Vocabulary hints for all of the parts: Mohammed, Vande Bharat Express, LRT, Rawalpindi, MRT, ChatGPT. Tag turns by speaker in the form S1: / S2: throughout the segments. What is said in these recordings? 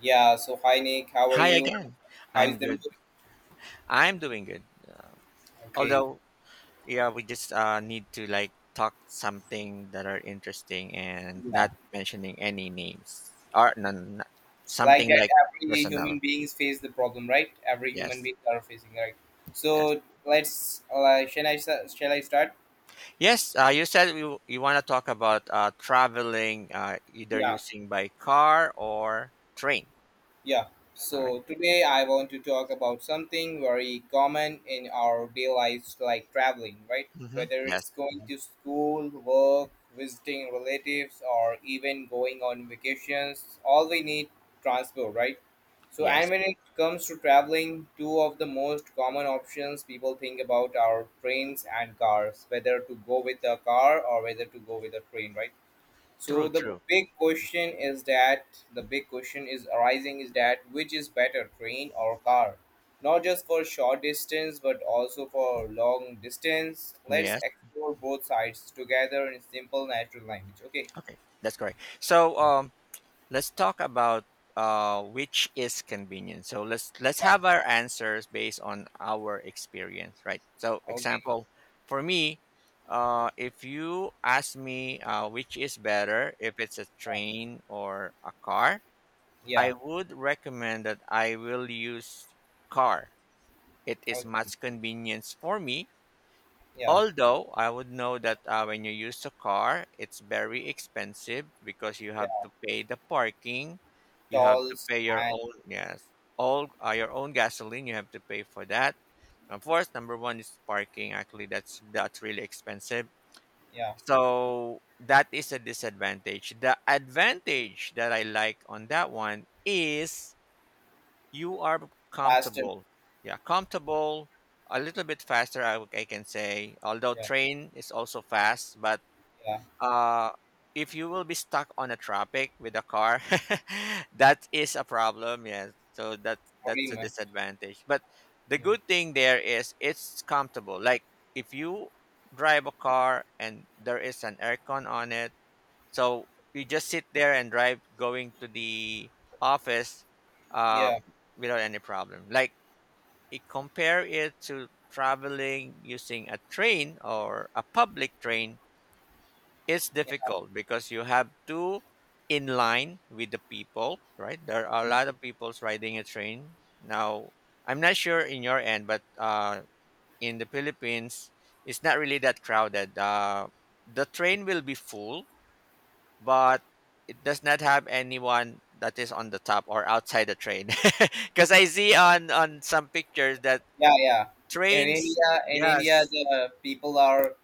S1: Yeah, so hi Nick, how are
S2: Hi
S1: you?
S2: again.
S1: How is
S2: I'm
S1: the
S2: good.
S1: mood?
S2: I'm doing good.
S1: Okay.
S2: Although, yeah, we just need to like talk something that are interesting and
S1: Yeah,
S2: not mentioning any names or
S1: yeah.
S2: no, no, no,
S1: Like
S2: something
S1: that,
S2: like
S1: every human
S2: personal.
S1: beings face the problem, right? Every human
S2: Yes.
S1: beings are facing, right?
S2: Yes.
S1: So let's, shall I start?
S2: Yes. You said you want to talk about traveling, either
S1: Yeah.
S2: using by car or train.
S1: Yeah.
S2: All right.
S1: So today I want to talk about something very common in our day lives like traveling, right?
S2: Mm-hmm.
S1: Whether
S2: Yes.
S1: it's going
S2: Mhm.
S1: to school, work, visiting relatives, or even going on vacations, all we need transport, right? So, and
S2: Yes.
S1: when it comes to traveling, two of the most common options people think about are trains and cars, whether to go with a car or whether to go with a train, right? So
S2: True.
S1: the
S2: True.
S1: big question is that the big question is arising is that which is better, train or car? Not just for short distance but also for long distance. Let's
S2: Yes.
S1: explore both sides together in simple natural language. Okay.
S2: Okay. That's correct. So,
S1: Yeah.
S2: let's talk about which is convenient. So let's
S1: Yeah.
S2: have our answers based on our experience, right? So
S1: Okay.
S2: example, for me, if you ask me which is better, if it's a train or a car,
S1: Yeah.
S2: I would recommend that I will use car. It is
S1: Okay.
S2: much convenience for me.
S1: Yeah.
S2: Although I would know that when you use the car, it's very expensive because you have
S1: Yeah.
S2: to pay the parking, you have to
S1: Tolls
S2: pay your
S1: and
S2: own, yes, all your own gasoline. You have to pay for that. Of course, number one is parking. Actually, that's really expensive.
S1: yeah.
S2: So that is a disadvantage. The advantage that I like on that one is you are
S1: Faster.
S2: comfortable. Yeah, comfortable, a little bit faster, I can say. Although
S1: Yeah.
S2: train is also fast, but
S1: Yeah.
S2: uh, if you will be stuck on a traffic with a car, that is a problem. Yes, so that's
S1: Pretty
S2: a
S1: much.
S2: disadvantage. But the
S1: Yeah.
S2: good thing there is it's comfortable. Like if you drive a car and there is an aircon on it, so we just sit there and drive going to the office, uh,
S1: Yeah.
S2: without any problem. Like it compare it to traveling using a train or a public train, it's difficult because you have to in line with the people, right? There are a
S1: Yeah.
S2: lot of people's riding a train. Now I'm not sure in your end, but in the Philippines, it's not really that crowded. The train will be full, but it does not have anyone that is on the top or outside the train because I see on some pictures that
S1: Yeah. Yeah. In
S2: trains,
S1: India, in India,
S2: yes.
S1: the people are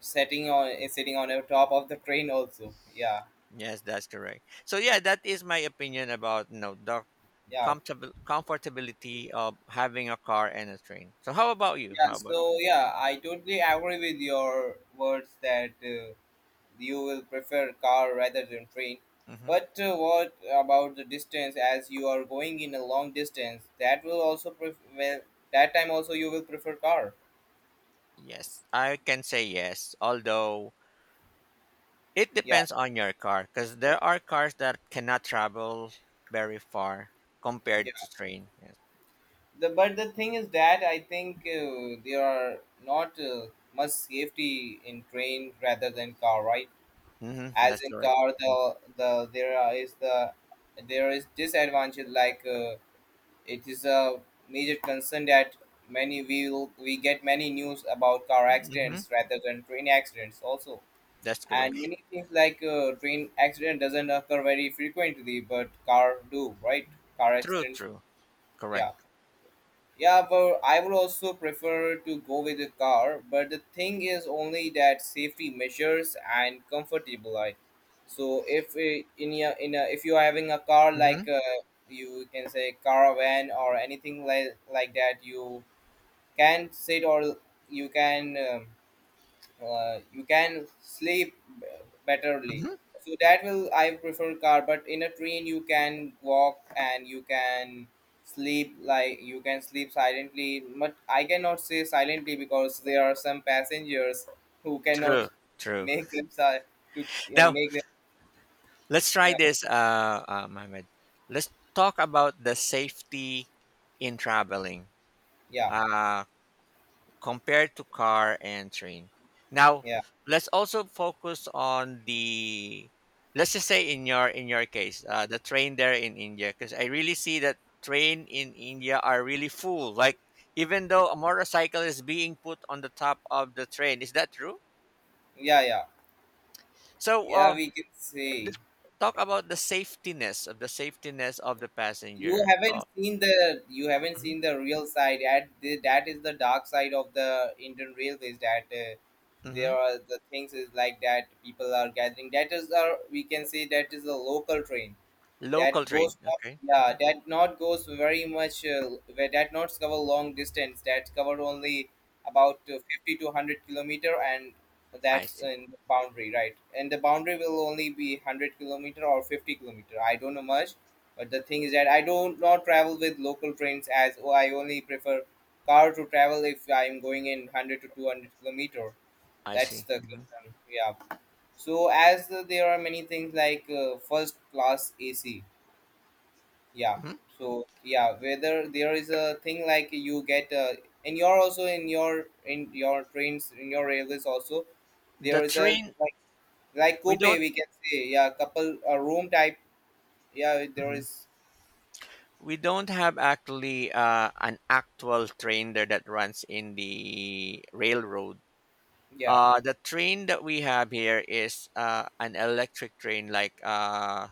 S1: sitting on the top of the train also. Yeah,
S2: Yes, that's correct. So yeah, that is my opinion about, you know, the
S1: yeah,
S2: comfortable comfortability of having a car and a train. So how about you?
S1: yeah.
S2: how
S1: So
S2: about you
S1: yeah, I totally agree with your words that you will prefer car rather than train,
S2: Hmm.
S1: but what about the distance? As you are going in a long distance, that will also that time also you will prefer car.
S2: Yes, I can say yes, although it
S1: Yeah,
S2: depends on your car because there are cars that cannot travel very far compared
S1: yeah.
S2: to train. Yes.
S1: The but the thing is that I think there are not much safety in train rather than car, right?
S2: Hmm,
S1: As
S2: that's
S1: in
S2: correct.
S1: car, there is disadvantage, like it is a major concern that many we will we get many news about car accidents
S2: Mhm.
S1: rather than train accidents also,
S2: That's
S1: and
S2: correct.
S1: many things. Like train accident doesn't occur very frequently but car do, right? Car
S2: True,
S1: accidents,
S2: true.
S1: yeah.
S2: Correct.
S1: Yeah, but I would also prefer to go with a car, but the thing is only that safety measures and comfortable life. So if if you are having a car, like
S2: Mhm.
S1: you can say caravan or anything like that, you can sit, or you can um, you can betterly.
S2: Mhm.
S1: So that will I prefer car. But in a train you can walk and you can sleep, like you can sleep silently. But I cannot say silently, because there are some passengers who cannot
S2: True, true.
S1: make them si- to
S2: Now,
S1: make them.
S2: let's try
S1: Yeah,
S2: this Mohammed. Let's talk about the safety in traveling.
S1: yeah,
S2: Uh, compared to car and train. Now,
S1: yeah,
S2: let's also focus on the, let's just say in your, in your case, the train there in India, because I really see that train in India are really full. Like even
S1: yeah,
S2: though a motorcycle is being put on the top of the train, is that true?
S1: yeah, yeah.
S2: So,
S1: Yeah, we can say.
S2: let's talk about the safetiness of the passenger. Uh,
S1: You haven't
S2: mhm,
S1: seen the real side, at the, that is the dark side of the Indian railways, that there
S2: mhm.
S1: are the things is like that people are gathering. That is, our we can say, that is a local train
S2: Local
S1: that
S2: train,
S1: goes not,
S2: okay.
S1: yeah, that not goes very much. Where that not cover long distance, that cover only about 50 to 100 kilometer, and
S2: I
S1: that's
S2: see.
S1: in the boundary, right? And the boundary will only be 100 kilometer or 50 kilometer, I don't know much. But the thing is that I don't not travel with local trains. I only prefer car to travel if I'm going in 100 to 200 kilometer.
S2: I
S1: That's
S2: see.
S1: the
S2: Mhm.
S1: concern, yeah. So as there are many things, like first class AC. Yeah.
S2: Mhm.
S1: So yeah, whether there is a thing like you get in your, also in your, in your trains, in your railways also, there
S2: The
S1: is a
S2: train,
S1: like
S2: we
S1: coupe,
S2: don't.
S1: we can say. Yeah, couple, a room type. Yeah, there
S2: Mhm.
S1: is.
S2: We don't have actually an actual train there that runs in the railroad.
S1: Yeah,
S2: The train that we have here is an electric train,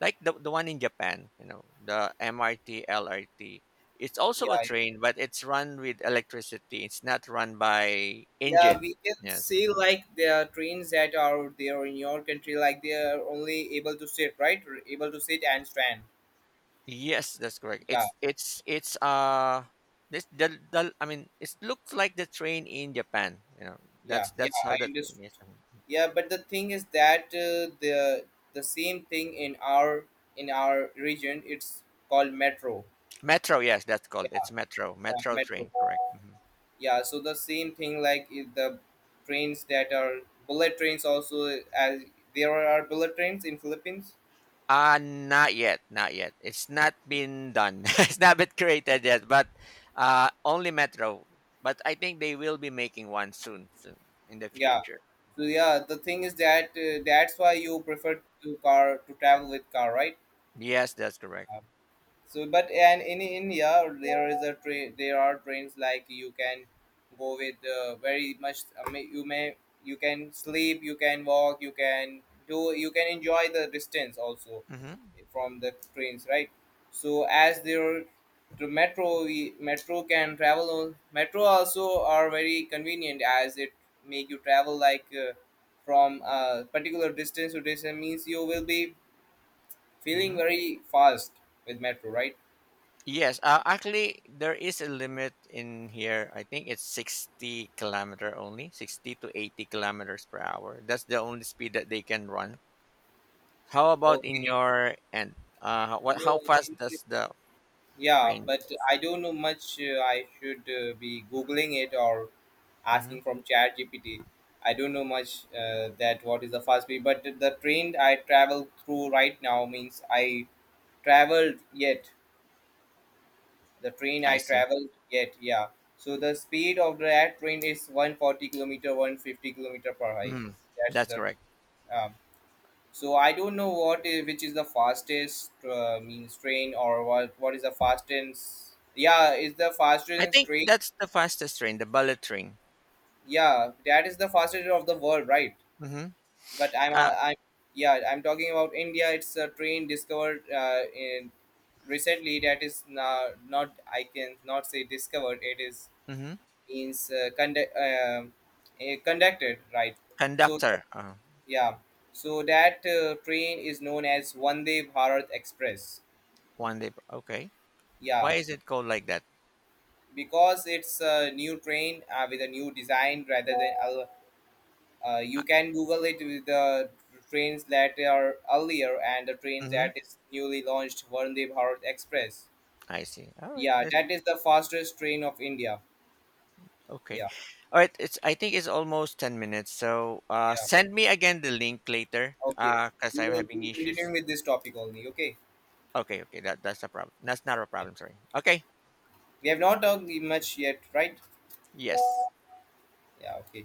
S2: like the one in Japan. You know, the MRT, LRT. It's
S1: yeah,
S2: also a
S1: yeah.
S2: train, but it's run with electricity. It's not run by
S1: Yeah,
S2: engine.
S1: we can
S2: Yes.
S1: see
S2: Mm-hmm.
S1: like there are trains that are there in your country like they are only able to sit, right? Able to sit and stand.
S2: Yes, that's correct.
S1: Yeah,
S2: It's this the, I mean it looks like the train in Japan. You know,
S1: yeah, yeah,
S2: that's how
S1: I
S2: the train
S1: understand.
S2: is. Mhm.
S1: Yeah, but the thing is that the same thing in our, in our region, it's called metro.
S2: Metro, yes, that's called.
S1: Yeah,
S2: It's metro,
S1: yeah,
S2: metro
S1: metro.
S2: train, correct? Hmm.
S1: Yeah, so the same thing. Like if the trains that are bullet trains also, as there are bullet trains in Philippines.
S2: Uh, not yet, not yet. It's not been done. It's not been created yet, but only metro. But I think they will be making one soon, in the
S1: Yeah.
S2: future.
S1: So yeah, the thing is that that's why you prefer to car, to travel with car, right?
S2: Yes, that's correct.
S1: So but and in India, there is a train. There are trains like you can go with very much. I mean, you may, you can sleep, you can walk, you can do, you can enjoy the distance also
S2: Mm-hmm.
S1: from the trains, right? So as there, the metro, can travel on metro also, are very convenient, as it make you travel like from a particular distance to distance, means you will be feeling
S2: Mm-hmm.
S1: very fast with metro, right?
S2: Yes, actually, there is a limit in here. I think it's 60-kilometer only, 60 to 80 kilometers per hour. That's the only speed that they can run. How about in
S1: Okay.
S2: your end? How- what? How
S1: No,
S2: fast
S1: in-
S2: does the
S1: yeah,
S2: train?
S1: but I don't know much. I should be googling it or
S2: Hmm.
S1: asking from ChatGPT. I don't know much that what is the fast speed? But the train I travel through right now, means I traveled yet. The train
S2: I
S1: I
S2: see.
S1: traveled yet, yeah. So the speed of that train is 140 kilometer, 150 kilometer per high.
S2: Mhm.
S1: That's
S2: That's
S1: the
S2: correct.
S1: um, so I don't know what is, which is the fastest means train, or what is the fastest? Yeah, is the
S2: I
S1: fastest
S2: think
S1: train?
S2: that's the fastest train, the bullet train.
S1: Yeah, that is the fastest of the world, right?
S2: Mm-hmm.
S1: But
S2: Uh,
S1: I'm yeah, I'm talking about India. It's a train discovered in recently, that is now not, I can not say discovered. It is
S2: mm-hmm.
S1: means conducted, right. So
S2: Conductor.
S1: yeah, so that train is known as Vande Bharat Express.
S2: One day. Okay.
S1: Yeah,
S2: Why is it called like that?
S1: because it's a new train with a new design rather than
S2: Uh,
S1: you can Google it with the trains that are earlier, and the train
S2: mm-hmm.
S1: that is newly launched Vande Bharat Express.
S2: I see. All right.
S1: Yeah, that is the fastest train of India.
S2: Okay.
S1: Yeah,
S2: All right. It's, I think it's almost 10 minutes. So
S1: yeah.
S2: send me again the link later.
S1: Okay,
S2: Because
S1: we
S2: I'm
S1: will
S2: having
S1: be continuing
S2: issues.
S1: with this topic only. Okay.
S2: Okay. Okay. That's a problem. That's not a
S1: Yeah,
S2: problem. Sorry. Okay.
S1: we have not talked much yet, right?
S2: Yes.
S1: Yeah. Okay.